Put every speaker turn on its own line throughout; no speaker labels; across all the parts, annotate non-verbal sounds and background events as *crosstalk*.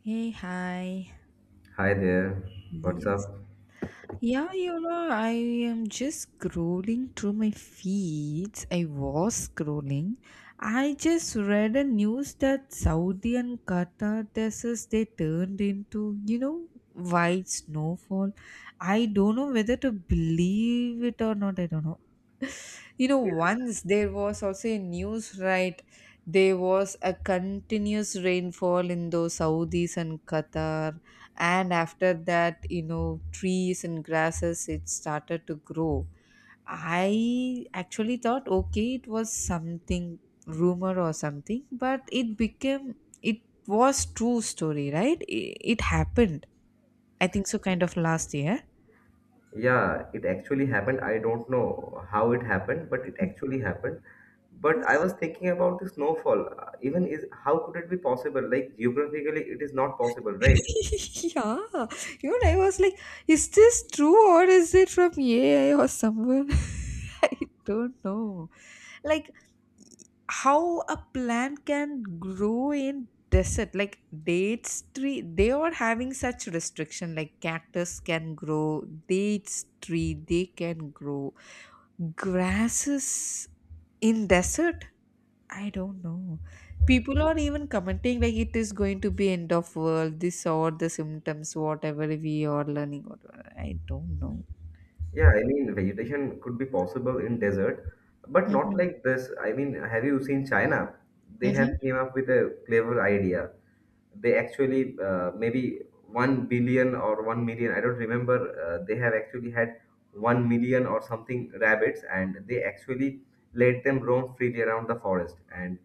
Hey, hi.
Hi there, what's
Yes.
up?
Yeah, you know, I am just scrolling through my feeds. I was scrolling. I just read a news that Saudi and Qatar deserts they turned into, you know, white snowfall. I don't know whether to believe it or not. I don't know. You know, once there was also a news, right? There was a continuous rainfall in those Saudis and Qatar, and after that, you know, trees and grasses it started to grow. I actually thought, okay, it was something rumor or something, but it became it was true story, right? It happened. I think so, kind of last year.
Yeah, it actually happened. I don't know how it happened, but it actually happened. But I was thinking about the snowfall. Even is how could it be possible? Like geographically, it is not possible, right?
*laughs* Yeah, even I was like, is this true or is it from AI or someone? *laughs* I don't know. Like how a plant can grow in desert, like dates tree, they are having such restriction. Like cactus can grow, dates tree they can grow, grasses in desert I don't know. People are even commenting like it is going to be end of world, this or the symptoms, whatever we are learning. Whatever. I don't know.
Yeah, I mean vegetation could be possible in desert, but not
Mm-hmm.
like this. I mean, have you seen China? They have
Mm-hmm.
came up with a clever idea. They actually maybe 1 billion or 1 million, I don't remember. They have actually had 1 million or something rabbits, and they actually let them roam freely around the forest, and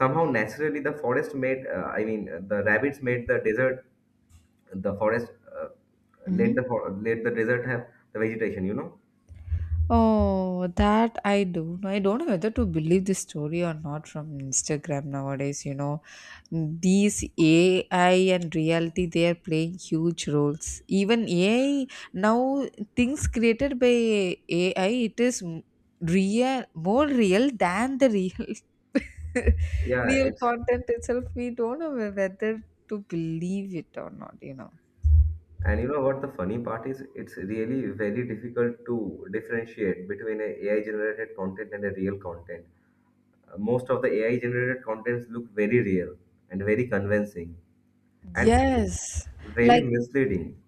somehow naturally the forest made the rabbits made the desert the forest uh,
Mm-hmm.
let the let the desert have the vegetation, you know.
Oh, that I do. I don't know whether to believe this story or not from Instagram nowadays. You know, these AI and reality they are playing huge roles. Even AI now things created by AI it is real, more real than the real. *laughs*
Yeah,
Real
it's.
content itself we don't know whether to believe it or not, you know.
And you know what the funny part is? It's really very difficult to differentiate between a AI generated content and a real content. Most of the AI generated contents look very real and very convincing and
Yes.
very
Like,
misleading.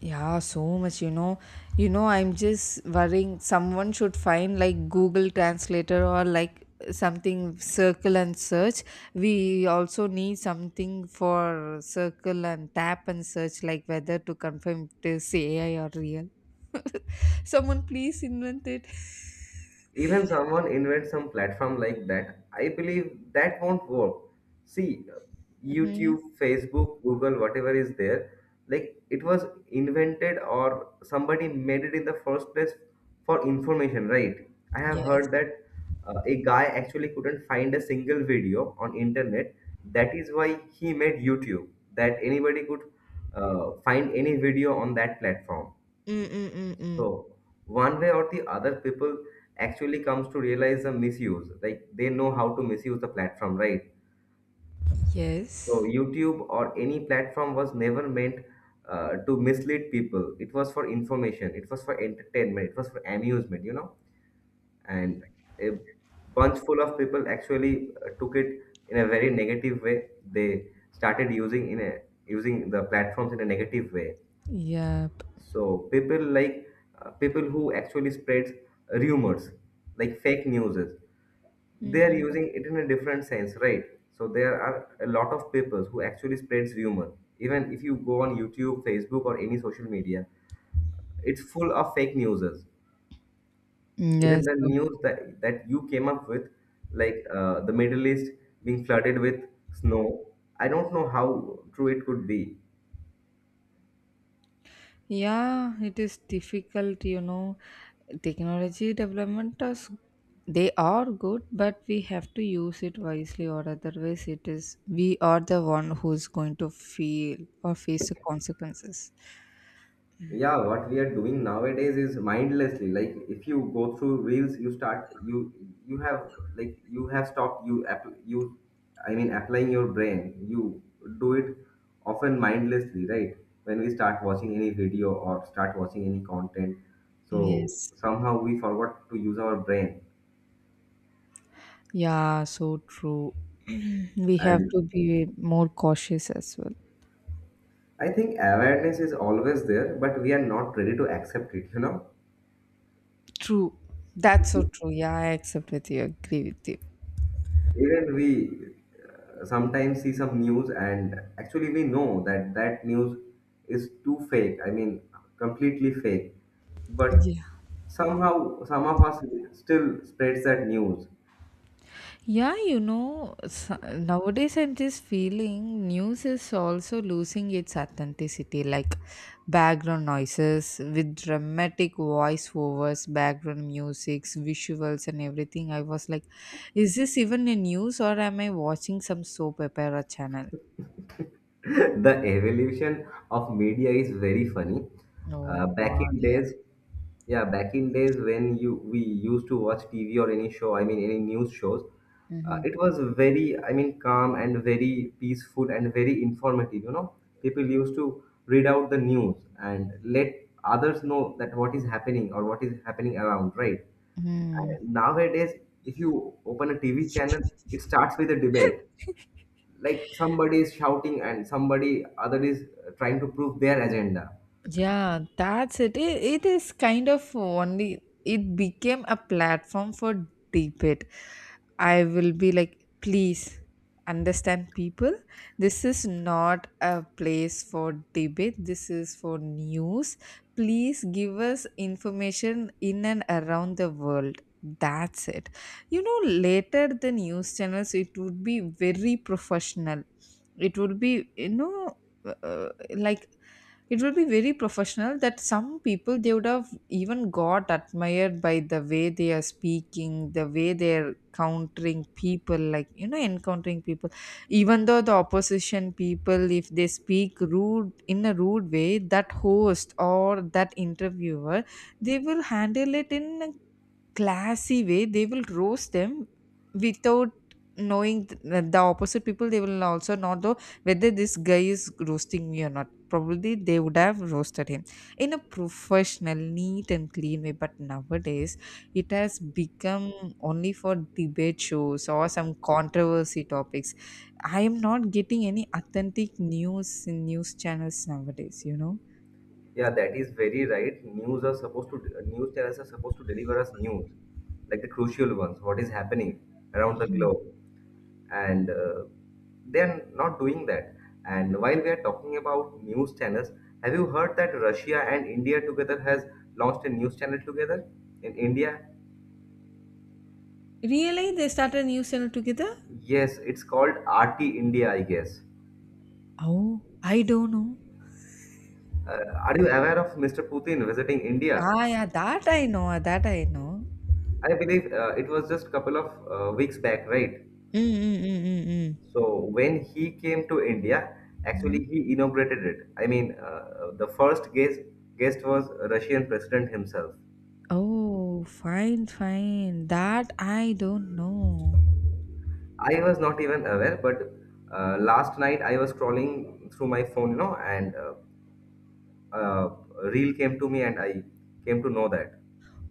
yeah, so much, you know. You know, I'm just worrying someone should find like Google translator or like something circle and search. We also need something for circle and tap and search like whether to confirm it is AI or real. Someone please invent it.
Even someone invents some platform like that, I believe that won't work. See,
*laughs* Hmm.
YouTube, Facebook, Google, whatever is there, like it was invented or somebody made it in the first place for information, right? I have
Yes.
heard that a guy actually couldn't find a single video on internet. That is why he made YouTube, that anybody could find any video on that platform.
Mm-mm-mm-mm.
So one way or the other, people actually comes to realize the misuse. Like they know how to misuse the platform, right? So
Yes.
YouTube or any platform was never meant to mislead people. It was for information. It was for entertainment. It was for amusement, you know. And a bunch full of people actually took it in a very negative way. They started using in a using the platforms in a negative way.
Yep.
So people like people who actually spreads rumors, like fake news, they are
Mm-mm.
using it in a different sense, right? So there are a lot of people who actually spreads rumor. Even if you go on YouTube, Facebook, or any social media, it's full of fake news. Even
Mm, yes.
the news that you came up with, like the Middle East being flooded with snow, I don't know how true it could be.
Yeah, it is difficult, you know. Technology development is they are good, but we have to use it wisely, or otherwise, it is we are the one who's going to feel or face the consequences.
Yeah, what we are doing nowadays is mindlessly. Like if you go through reels you start you have, like you have stopped you app, you, I mean, applying your brain, you do it often mindlessly, right? When we start watching any video or start watching any content, so
Yes.
somehow we forgot to use our brain.
Yeah, so true. *clears throat* We have
And
to be more cautious as well.
I think awareness is always there, but we are not ready to accept it, you know.
True. That's so true. Yeah, I accept with you, agree with
Even we sometimes see some news and actually we know that news is too fake, I mean, completely fake, but
you.
somehow some of us still spreads that news.
Yeah, you know, nowadays I'm just feeling news is also losing its authenticity, like background noises with dramatic voiceovers, background musics, visuals, and everything. I was like, is this even a news or am I watching some soap opera channel?
*laughs* The evolution of media is very funny.
Oh,
Back
God,
in
yeah.
days, yeah, back in days when you we used to watch TV or any show, I mean, any news shows, it was very, I mean, calm and very peaceful and very informative. You know, people used to read out the news and let others know that what is happening or what is happening around, right?
Mm-hmm.
And nowadays, if you open a TV channel, it starts with a debate,
*laughs*
like somebody is shouting and somebody other is trying to prove their agenda.
Yeah, that's it. It is kind of only, it became a platform for debate. I will be like, please understand people. This is not a place for debate, this is for news. Please give us information in and around the world. That's it. You know, later the news channels, it would be very professional. It would be, you know, uh, uh, like it will be very professional that some people they would have even got admired by the way they are speaking, the way they're countering people, like, you know, encountering people. Even though the opposition people, if they speak rude in a rude way, that host or that interviewer, they will handle it in a classy way. They will roast them without knowing that the opposite people they will also not know whether this guy is roasting me or not. Probably they would have roasted him in a professional, neat and clean way. But nowadays it has become only for debate shows or some controversy topics. I am not getting any authentic news in news channels nowadays, you know.
Yeah, that is very right. News are supposed to news channels are supposed to deliver us news, like the crucial ones, what is happening around the globe. And they're not doing that. And while we are talking about news channels, have you heard that Russia and India together has launched a news channel together in India?
Really? They started a news channel together?
Yes, it's called RT India, I guess.
Oh, I don't know.
Are you aware of Mr. Putin visiting India?
Ah, yeah, that I know, that I know.
I believe it was just couple of weeks back, right?
Mm, mm, mm, mm, mm.
So when he came to India,
Mhm.
actually he inaugurated it. I mean, the first guest was Russian president himself.
Oh, fine, fine. That I don't know.
I was not even aware, but last night I was scrolling through my phone, you know, and uh, a reel came to me, and I came to know that.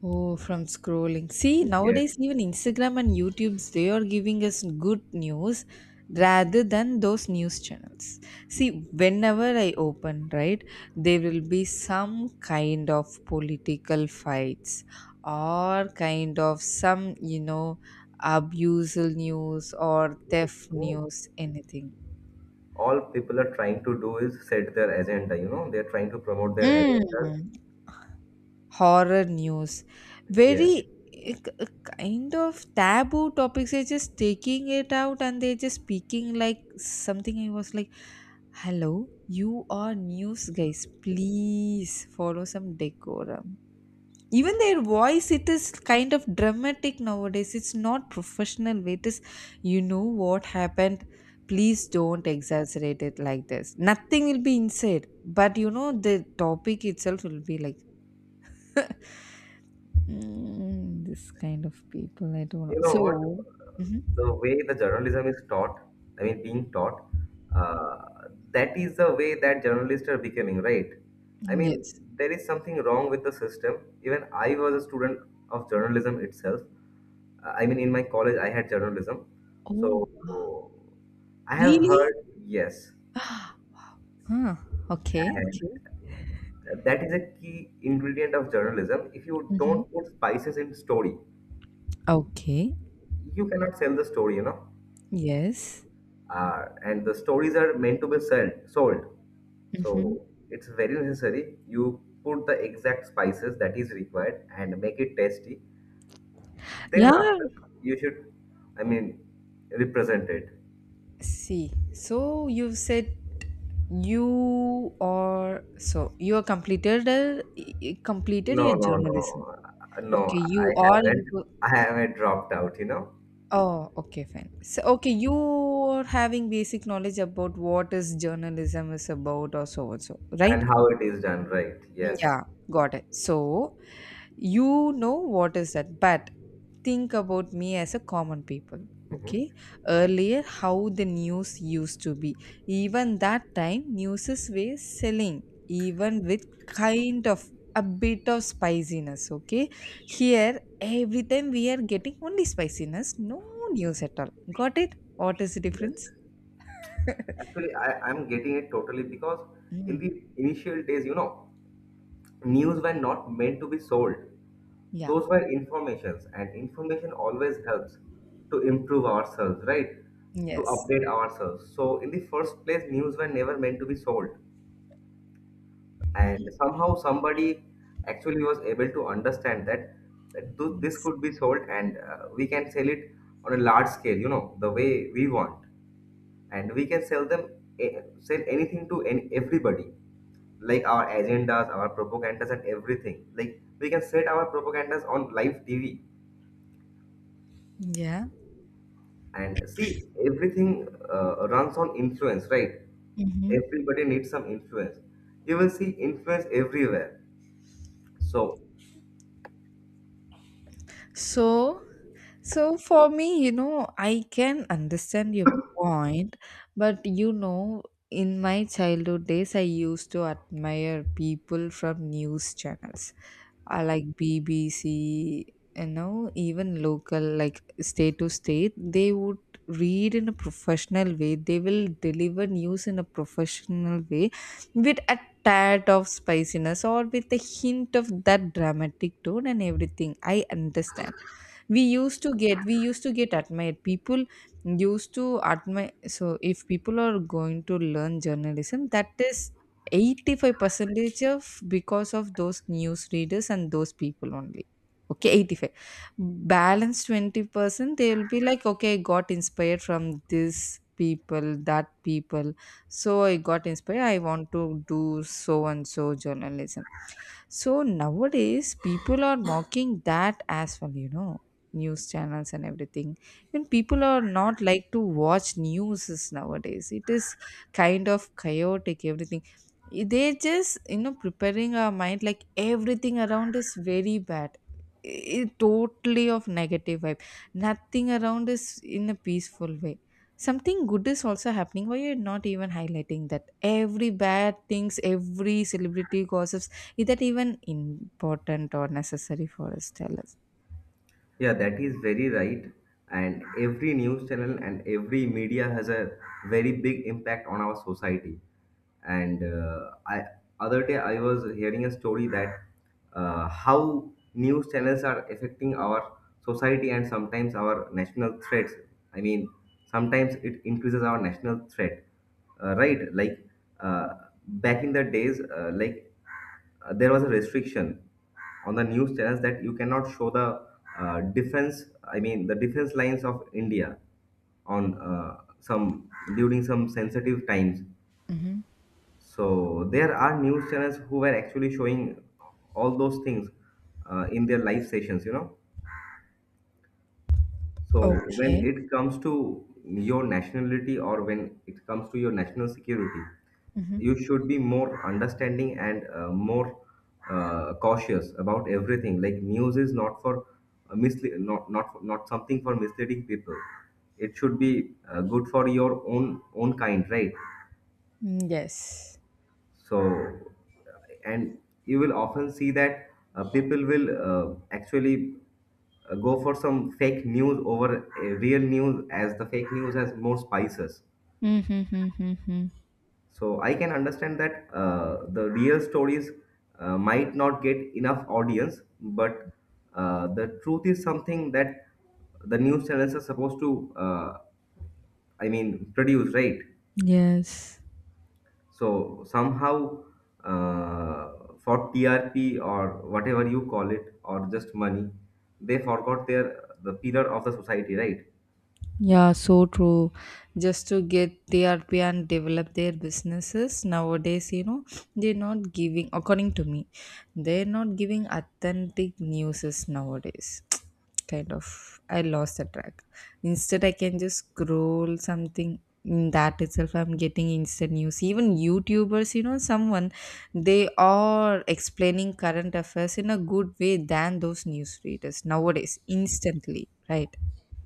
Oh, from scrolling. See,
Yes.
nowadays even Instagram and YouTube's they are giving us good news rather than those news channels. See, whenever I open, right, there will be some kind of political fights or kind of some, you know, abusal news or theft news, anything.
All people are trying to do is set their agenda, you know, they're trying to promote their agenda.
Mm. Horror news, very
Yes.
eh, k- eh, kind of taboo topics they're just taking it out and they're just speaking like something. I was like, hello, you are news guys, please follow some decorum. Even their voice it is kind of dramatic nowadays, it's not professional way. It is, you know, what happened, please don't exaggerate it like this. Nothing will be inside, but you know the topic itself will be like *laughs* mm, this kind of people, I don't know.
You know what?
So, mhm,
The way the journalism is taught, I mean, being taught, that is the way that journalists are becoming, right? I mean,
yes.
there is something wrong with the system. Even I was a student of journalism itself. I mean, in my college, I had journalism.
Oh,
So I have
really?
heard, yes,
*gasps* Huh. Okay.
and
Okay.
that is a key ingredient of journalism. If you
Hmm.
don't put spices in story,
Okay.
you cannot sell the story, you know.
Yes.
And the stories are meant to be sell, sold.
Hmm.
So it's very necessary you put the exact spices that is required and make it tasty.
Yeah.
Then after you should, I mean, represent it.
See. So you said you are, so you are completed completed
No,
your
no, no.
journalism.
No,
Okay.
I
You are
haven't,
into.
I haven't dropped out, you know.
Oh, okay, fine. So, okay, you're having basic knowledge about what is journalism is about or so and so, right?
And how it is done, right? Yes.
Yeah, got it. So, you know what is that, but think about me as a common people, okay.
Mhm.
Earlier how the news used to be, even that time newses were selling even with kind of a bit of spiciness, okay. Here every time we are getting only spiciness, no news at all. Got it, what is the
Yes,
difference?
actually I, I'm getting it totally. Because in
Mm,
the initial days, you know, news were not meant to be sold.
yeah.
Those were informations, and information always helps to improve ourselves, right? To
Yes.
update ourselves. So in the first place news were never meant to be sold. And somehow somebody actually was able to understand that, that this
Yes.
could be sold, and we can sell it on a large scale, you know, the way we want, and we can sell them, sell anything to any, everybody, like our agendas, our propagandas, and everything, like we can set our propagandas on live TV.
Yeah.
And see, everything runs on influence, right?
Hmm.
Everybody needs some influence. You will see influence everywhere. So
So, so for me, you know, I can understand your point, but you know, in my childhood days, I used to admire people from news channels, like BBC, you know, even local, like state to state. They would read in a professional way. They will deliver news in a professional way, with a tad of spiciness or with a hint of that dramatic tone and everything. I understand we used to get admired, people used to admire. So if people are going to learn journalism, that is 85 percentage of because of those news readers and those people only. Okay, 85, balance 20% they will be like, okay, I got inspired from this people, that people, so I got inspired, I want to do so and so journalism. So nowadays, people are mocking that as well, you know, news channels and everything. Even people are not like to watch news is nowadays. It is kind of chaotic, everything. They just, you know, preparing our mind like everything around is very bad. I- Totally of negative vibe. Nothing around is in a peaceful way. Something good is also happening. Why you're not even highlighting that? Every bad things, every celebrity gossips, is that even important or necessary for us? Tell us.
yeah, that is very right. And every news channel and every media has a very big impact on our society. And I other day I was hearing a story that how news channels are affecting our society and sometimes our national threats. I mean, sometimes it increases our national threat, right? Like uh, back in the days, like there was a restriction on the news channels that you cannot show the defense, I mean the defense lines of India on some during some sensitive times.
Hmm.
So there are news channels who were actually showing all those things in their live sessions, you know. So when
Okay.
it comes to your nationality or when it comes to your national security,
Hmm.
you should be more understanding and more cautious about everything. Like news is not for not something for misleading people. It should be good for your own own kind, right?
Yes.
So, and you will often see that people will actually go for some fake news over real news, as the fake news has more spices.
Mm-hmm.
So, I can understand that the real stories might not get enough audience, but the truth is something that the news channels are supposed to, I mean, produce, right?
Yes.
So somehow uh, for TRP or whatever you call it, or just money, they forgot the pillar of the society, right?
Yeah, so true. Just to get TRP and develop their businesses nowadays, you know, they're not giving, according to me, they're not giving authentic newses nowadays. *tsk* Kind of, I lost the track. Instead, I can just scroll something. In that itself, I'm getting instant news. Even YouTubers, you know, someone, they are explaining current affairs in a good way than those news readers nowadays, instantly, right?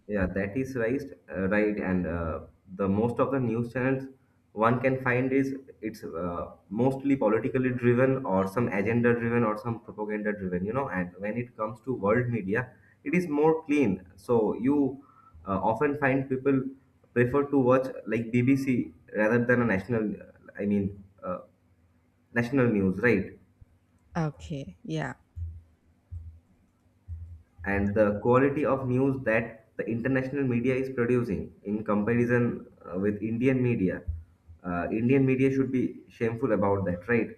Yeah, that is right, right, and the most of the news channels one can find is it's mostly politically driven or some agenda driven or some propaganda driven, you know. And when it comes to world media, it is more clean. So you often find people prefer to watch like BBC rather than a national, I mean, national news, right?
Okay, yeah.
And the quality of news that the international media is producing in comparison with Indian media. Indian media should be shameful about that, right?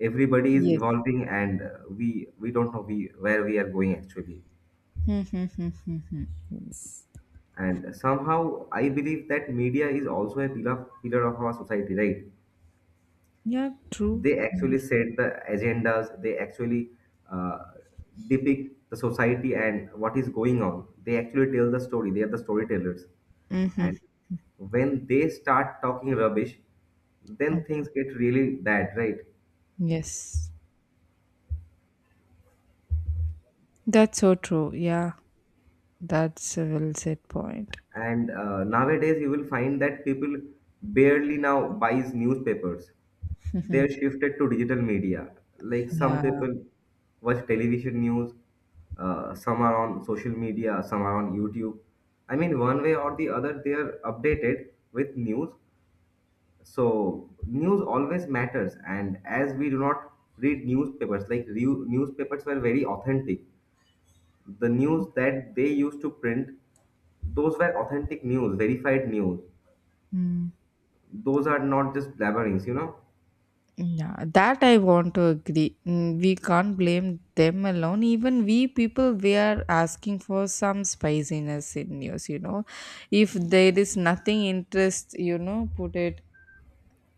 Everybody is
Yes.
evolving, and uh, we don't know we where we are going actually.
Mm-hmm. Yes.
And somehow, I believe that media is also a pillar of our society, right?
Yeah, true.
They
Kind of.
actually set the agendas. They actually uh, depict the society and what is going on. They actually tell the story. They are the storytellers,
Mm-hmm.
and when they start talking rubbish, then
Oh,
things get really bad, right?
yes. That's so true. Yeah, that's a well said point.
And nowadays, you will find that people barely now buys newspapers. They're shifted to digital media. Like some
Yeah.
people watch television news, some are on social media, some are on YouTube. I mean, one way or the other, they are updated with news. So news always matters, and as we do not read newspapers, like newspapers were very authentic, the news that they used to print, those were authentic news, verified news.
Mm.
Those are not just blabberings, you know? *laughs*
Yeah, that I want to agree. Mm, we can't blame them alone. Even we people, we are asking for some spiciness in news, you know. If there is nothing interest, you know, put it,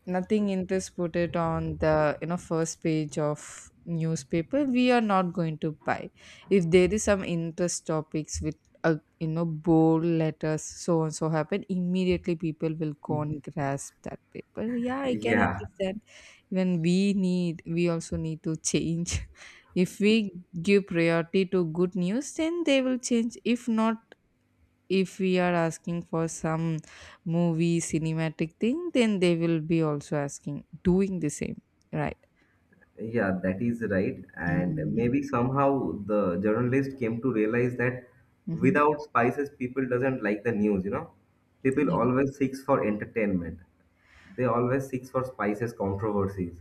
nothing interest, put it on the, you know, first page of newspaper, we are not going to buy. If there is some interest topics with, a, you know, bold letters, so and so happen, immediately people will go and grasp that paper. Yeah, I can
Yeah,
understand, even we need, we also need to change. *laughs* If we give priority to good news, then they will change. If not, if we are asking for some movie cinematic thing, then they will be also asking, doing the same, right?
yeah, that is right. And
Mm.
maybe somehow the journalist came to realize that
Mm-hmm.
without spices, people doesn't like the news, you know? People
Yeah.
always seeks for entertainment. They always seeks for spices, controversies.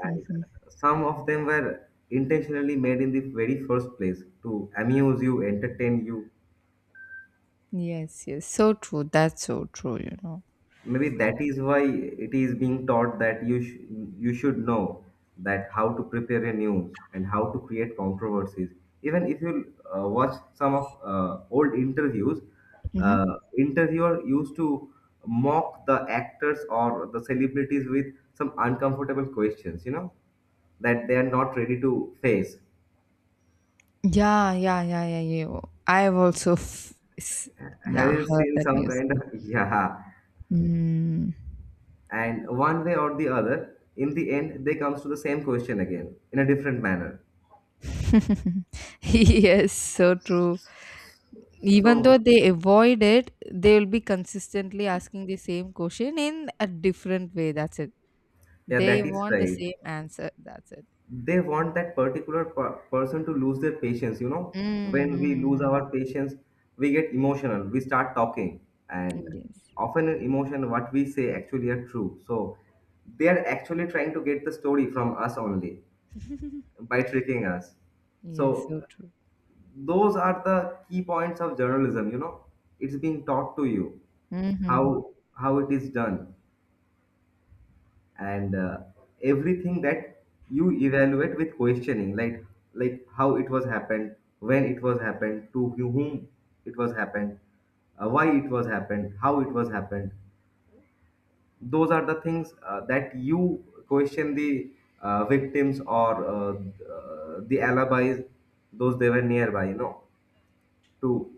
And some of them were intentionally made in the very first place to amuse you, entertain you,
Yes, yes. So true. That's so true, you know.
maybe that is why it is being taught that you should know that how to prepare a news and how to create controversies even if you watch some of old interviews,
Mm-hmm.
interviewer used to mock the actors or the celebrities with some uncomfortable questions, you know, that they are not ready to face.
Yeah, yeah, yeah, yeah, yeah. I've also,
Have
yeah,
you
heard
seen
that
some
news.
kind of *laughs* yeah,
Mm.
and one way or the other in the end they comes to the same question again in a different manner.
*laughs* Yes, so true. Even though
So,
they avoid it, they will be consistently asking the same question in a different way. That's it.
yeah,
They
that is
want the
right.
same answer. That's it.
They want that particular person to lose their patience. You know, when we lose
Mm-hmm.
our patience, we get emotional. We start talking, and
Yes.
often in emotion, what we say actually are true. So, they are actually trying to get the story from us only
*laughs*
by tricking us.
Yes,
So,
so true.
those are the key points of journalism. You know, it's being taught to you
Hmm.
how it is done and everything that you evaluate with questioning, like how it was happened, when it was happened, to whom it was happened, why it was happened, how it was happened. Those are the things that you question the victims or the alibis, those they were nearby, you know, to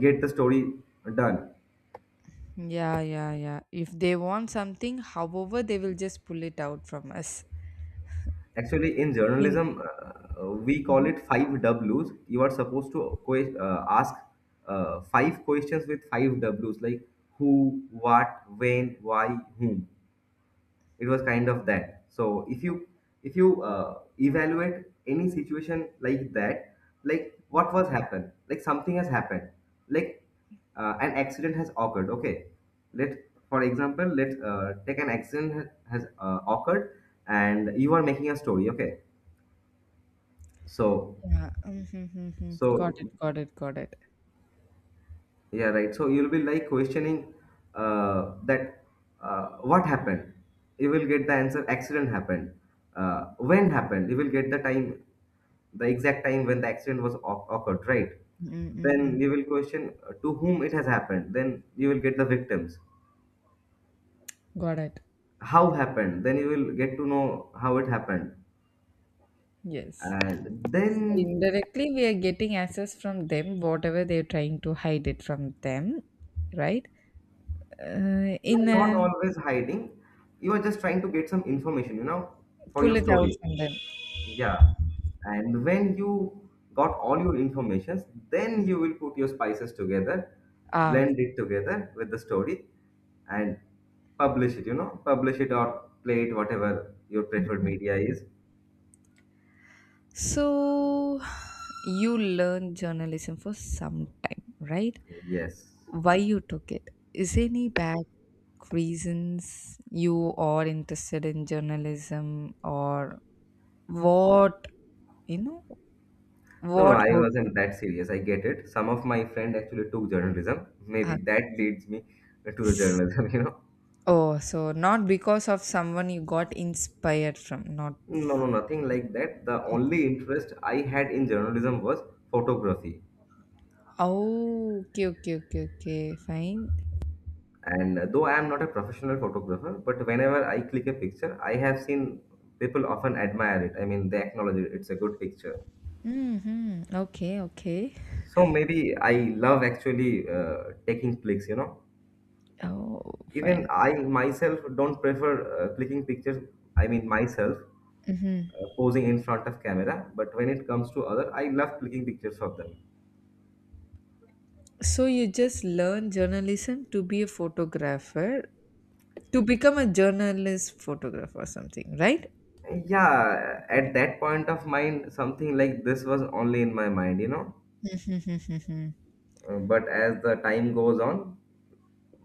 get the story done.
Yeah, yeah, yeah. If they want something, however, they will just pull it out from us.
Actually, in
In-
journalism, we call
Mhm.
it five W's. You are supposed to ask five questions with five W's, like who, what, when, why, whom. It was kind of that. So if you if you evaluate any situation like that, like what was happened, like something has happened, like an accident has occurred. Okay, let for example, let take an accident has occurred, and you are making a story. Okay, so,
Yeah. Mm-hmm. Got
so
it, got it, got it.
yeah, right. So you'll be like questioning that what happened. You will get the answer. Accident happened. When happened? You will get the time, the exact time when the accident was occurred. Right. Then
Mm-mm-mm.
you will question to whom it has happened. Then you will get the victims.
Got it.
How happened? Then you will get to know how it happened.
Yes.
And
So
then
indirectly, we are getting access from them, whatever they're trying to hide it from them, right? Uh,
you
in
are not
a,
always hiding. You are just trying to get some information. You know, for
pull
your
it out
story.
from them.
Yeah. And when you got all your informations, then you will put your spices together,
Ah,
blend it together with the story and publish it, you know, publish it or play it, whatever your preferred media is.
so you learned journalism for some time, right?
Yes.
Why you took it? Is any back reasons you are interested in journalism or what, you know?
No, no,
What
I
hope you?
wasn't that serious. I get it. Some of my friend actually took journalism. Maybe that leads me to
Ah.
the journalism, *laughs* you know.
Oh, so not because of someone you got inspired from, not.
No, no, nothing like that. The
Okay.
only interest I had in journalism was photography.
Oh, okay, okay, okay, okay, fine.
And though I am not a professional photographer, but whenever I click a picture, I have seen people often admire it. I mean, they acknowledge it. It's a good picture.
Mm-hmm. Okay, okay.
So maybe I love actually taking clicks, you know.
Oh,
Even
fine.
I myself don't prefer clicking pictures. I mean, myself
Mm-hmm.
posing in front of camera. But when it comes to other, I love clicking pictures of them.
So you just learn journalism to be a photographer, to become a journalist photographer or something, right?
Yeah,
Got
at
it.
that point of mind, something like this was only in my mind, you know.
*laughs* Mm-hmm.
But as the time goes on,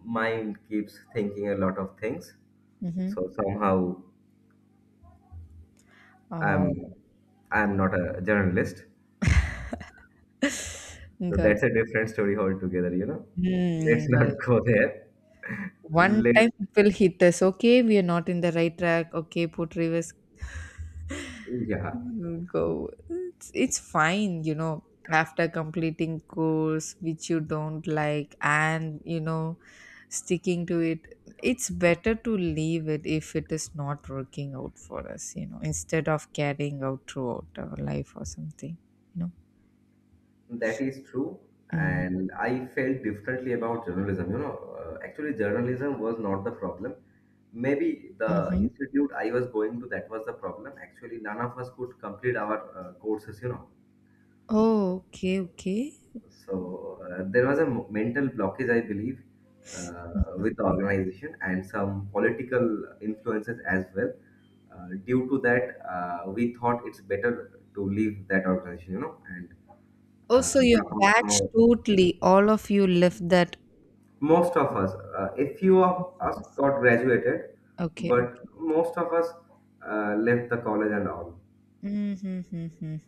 mind keeps thinking a lot of things.
Mm.
So somehow
Oh,
I'm I'm not a journalist.
*laughs*
So
got it.
that's a different story altogether, you know.
Mm,
Let's
got.
not *laughs* go there.
One
Let
time it will hit us. Okay, we are not in the right track. Okay, put reverse.
yeah,
Mm, go. It's fine, you know. After completing course which you don't like and sticking to it, it's better to leave it if it is not working out for us. You know, instead of carrying out throughout our life or something. You know.
that is true.
Mm.
And I felt differently about journalism. You know, actually, journalism was not the problem. Maybe the
Mm-hmm.
institute I was going to that was the problem. Actually, none of us could complete our courses. You know,
Oh, okay, okay.
so there was a mental blockage, I believe, with the organization and some political influences as well. Due to that, we thought it's better to leave that organization, you know, and
Oh, so your
drop out
batch
from
totally, all of you left that.
most of us. A few of us got graduated,
Okay,
but
okay.
most of us left the college and all.
Mm-hmm.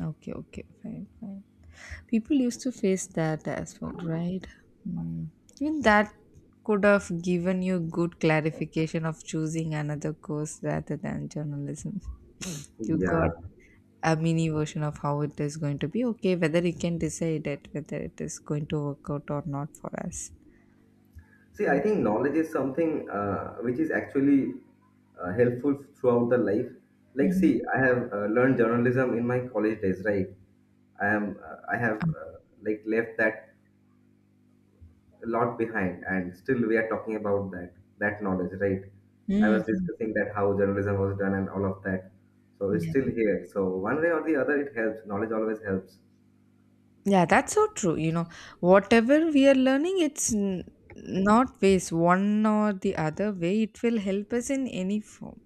Okay, okay, fine, fine. People used to face that as well, right? Mm. Even that could have given you good clarification of choosing another course rather than journalism. You
Yeah.
got a mini version of how it is going to be. Okay, whether you can decide it, whether it is going to work out or not for us.
See, I think knowledge is something which is actually helpful throughout the life. Like,
Mm-hmm.
see, I have learned journalism in my college days, right? I am, uh, I have
Um,
uh, like left that a lot behind, and still we are talking about that knowledge, right? I was
mm-hmm.
discussing that how journalism was done and all of that. So it's still
Yeah.
here. So one way or the other, it helps. Knowledge always helps.
Yeah, that's so true. Whatever we are learning, not waste one or the other way. It will help us in any form,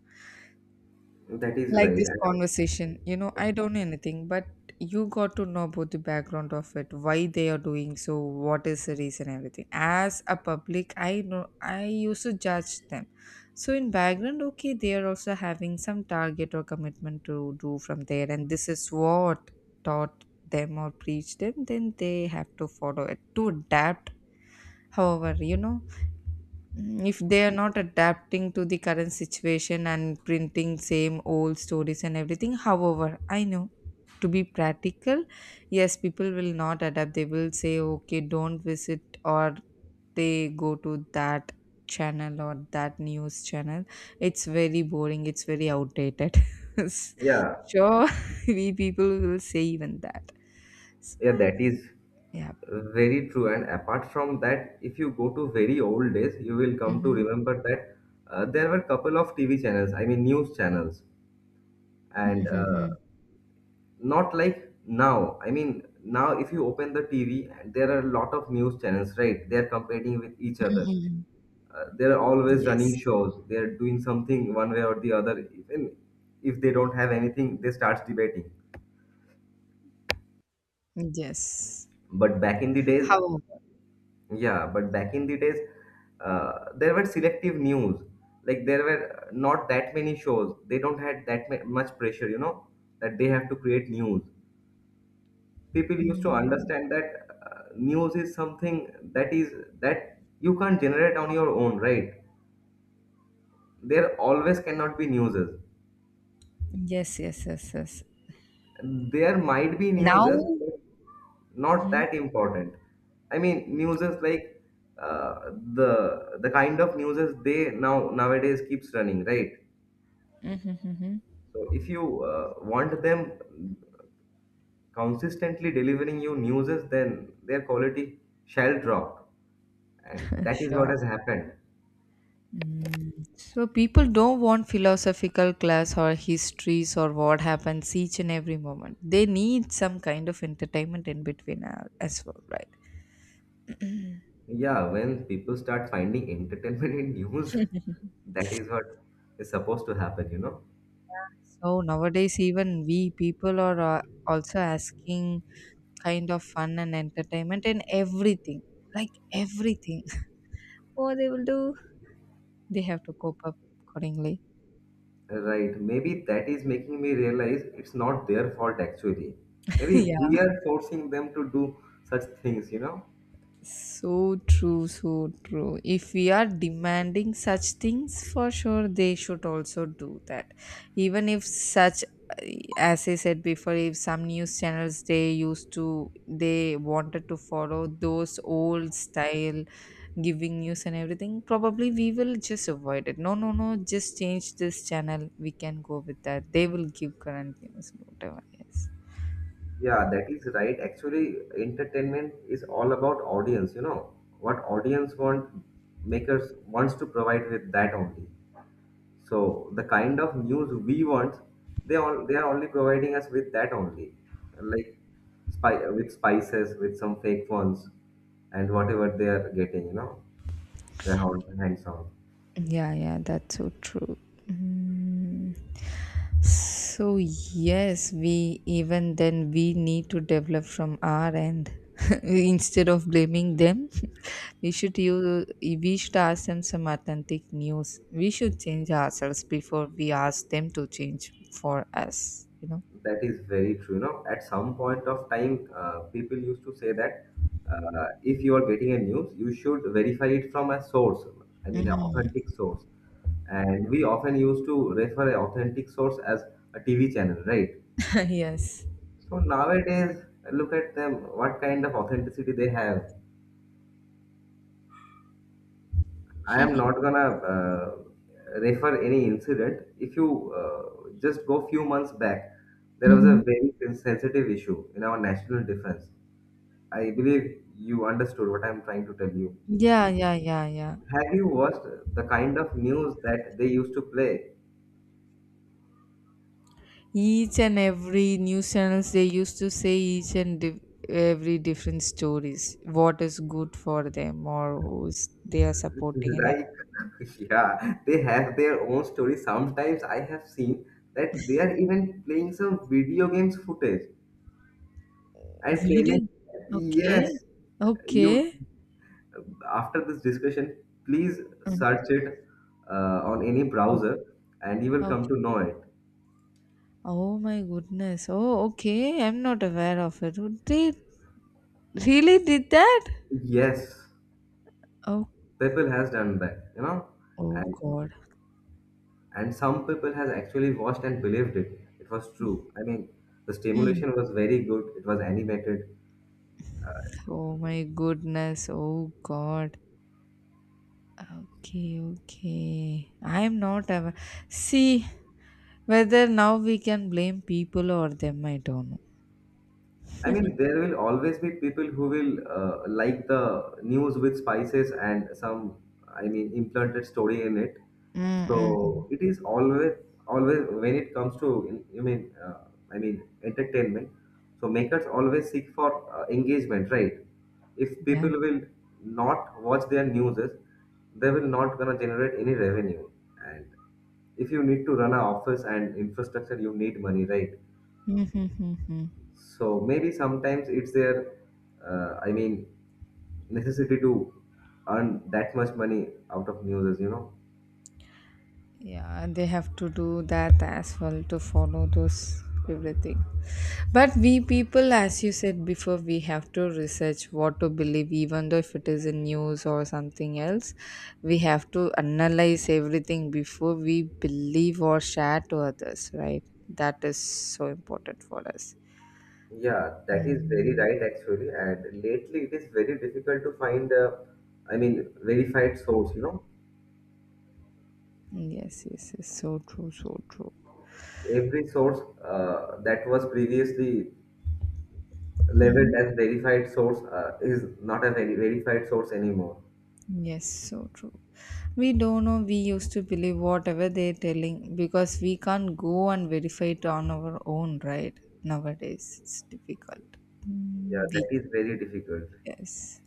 That is
like
right.
this
And
conversation. I don't know anything, but you got to know about the background of it, why they are doing so, what is the reason, everything. As a public, I know I used to judge them. So in background, okay, they are also having some target or commitment to do from there, and this is what taught them or preached them. Then they have to follow it to adapt, however you know Mm, if they are not adapting to the current situation and printing same old stories and everything. However, I know, to be practical, yes, people will not adapt. They will say okay, don't visit, or they go to that channel or that news channel. It's very boring, it's very outdated. *laughs*
*laughs* yeah,
Sure. *laughs* We people will say even that. So,
yeah, that is
yeah.
very true. And apart from that, if you go to very old days, you will come to
Mm-hmm.
remember that there were couple of TV channels, I mean news channels, and
Mm-hmm.
not like now. I mean, now if you open the TV, there are a lot of news channels, right? They are competing with each other.
Mm-hmm. Mm-hmm.
They are always running
Yes.
shows. They are doing something one way or the other. Even if they don't have anything, they start debating.
Yes.
But back in the days,
How?
yeah, but back in the days, there were selective news. Like there were not that many shows. They don't had that much pressure, you know, that they have to create news. People used to
Mm.
understand that news is something that is that you can't generate on your own, right? There always cannot be newses.
Yes, yes, yes, yes.
There might be
Now,
newses, but not
hmm.
that important. I mean, newses like uh, the kind of newses they now nowadays keeps running, right?
Hmm, hmm.
So if you want them consistently delivering you newses, then their quality shall drop, and
*laughs*
that is what
Sure.
has happened.
Mm. So people don't want philosophical class or histories or what happens each and every moment. They need some kind of entertainment in between as well, right? *coughs*
Yeah, when people start finding entertainment in news, *laughs*
*clears throat*
that is what is supposed to happen, you know.
So nowadays, even we people are also asking kind of fun and entertainment in everything, like everything. *laughs* What they will do, they have to cope up accordingly.
Right. Maybe that is making me realize it's not their fault actually.
*laughs*
Maybe
Yeah.
we are forcing them to do such things, you know?
So true, so true. If we are demanding such things, for sure they should also do that. Even if such, as I said before, if some news channels they used to, they wanted to follow those old style giving news and everything, probably we will just avoid it. No, no, no, just change this channel. We can go with that. They will give current news, whatever. Yes.
Yeah, that is right. Actually, entertainment is all about audience, you know. What audience want makers wants to provide with that only. So the kind of news we want, they all they are only providing us with that only. Like spy with spices, with some fake phones and whatever they are getting, you know, their hands on.
Yeah, yeah, that's so true. Mm. So yes, we even then we need to develop from our end. *laughs* Instead of blaming them, we should ask them some authentic news. We should change ourselves before we ask them to change for us. You know.
That is very true. You know, at some point of time, people used to say that if you are getting a news, you should verify it from a source. I mean, an authentic source. And we often used to refer an authentic source as a TV channel, right?
*laughs* Yes.
So nowadays, look at them. What kind of authenticity they have? I am not gonna refer any incident. If you just go few months back, there was a
Hmm.
very sensitive issue in our national defense. I believe you understood what I'm trying to tell you.
Yeah, yeah, yeah, yeah.
Have you watched the kind of news that they used to play?
Each and every news channels, they used to say each and div every different stories, what is good for them or who's they are supporting and
Like,
everything.
*laughs* yeah, they have their own story. Sometimes I have seen that they are even playing some video games footage and
We
claiming,
did. Okay.
yes, you
Okay.
after this discussion, please
Mm.
search it on any
Oh,
browser and you will
okay.
come to know it.
Oh my goodness. Oh, okay, I'm not aware of it. Would they really did that?
Yes,
Oh.
people has done that, you know,
Oh god.
and some people has actually watched and believed it. It was true. I mean, the
Mm.
stimulation was very good. It was animated.
Oh my goodness. Oh God. Okay, okay. I'm not aware. See, whether now we can blame people or them, I don't know.
I mean, there will always be people who will like the news with spices and some, I mean, implanted story in it.
Mm, mm, mm.
So it is always, always when it comes to, I mean, entertainment. So makers always seek for engagement, right? If
Yeah.
people will not watch their news, they will not gonna generate any revenue. And if you need to run an office and infrastructure, you need money, right?
Mm, mm, mm, mm.
So maybe sometimes it's their, I mean, necessity to earn that much money out of news, you know.
Yeah, they have to do that as well to follow those everything. But we people, as you said before, we have to research what to believe, even though if it is in news or something else, we have to analyze everything before we believe or share to others, right? That is so important for us.
Yeah, that is very
Mm.
right actually. And lately it is very difficult to find, I mean, verified source, you know.
Yes, yes, yes. So true, so true.
Every source that was previously labeled
Hmm.
as verified source is not a very verified source anymore.
Yes, so true. We don't know, we used to believe whatever they're telling because we can't go and verify it on our own, right? Nowadays, it's difficult.
Yeah,
Mm, we,
that is very difficult.
yes.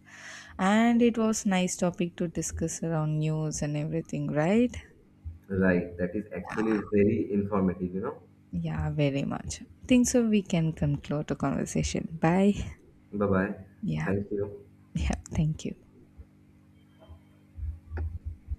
And it was nice topic to discuss around news and everything, right?
Right, that is actually very informative, you know.
Yeah, very much. Think so we can conclude the conversation. Bye.
Bye bye.
Yeah,
Thank you.
yeah, thank you.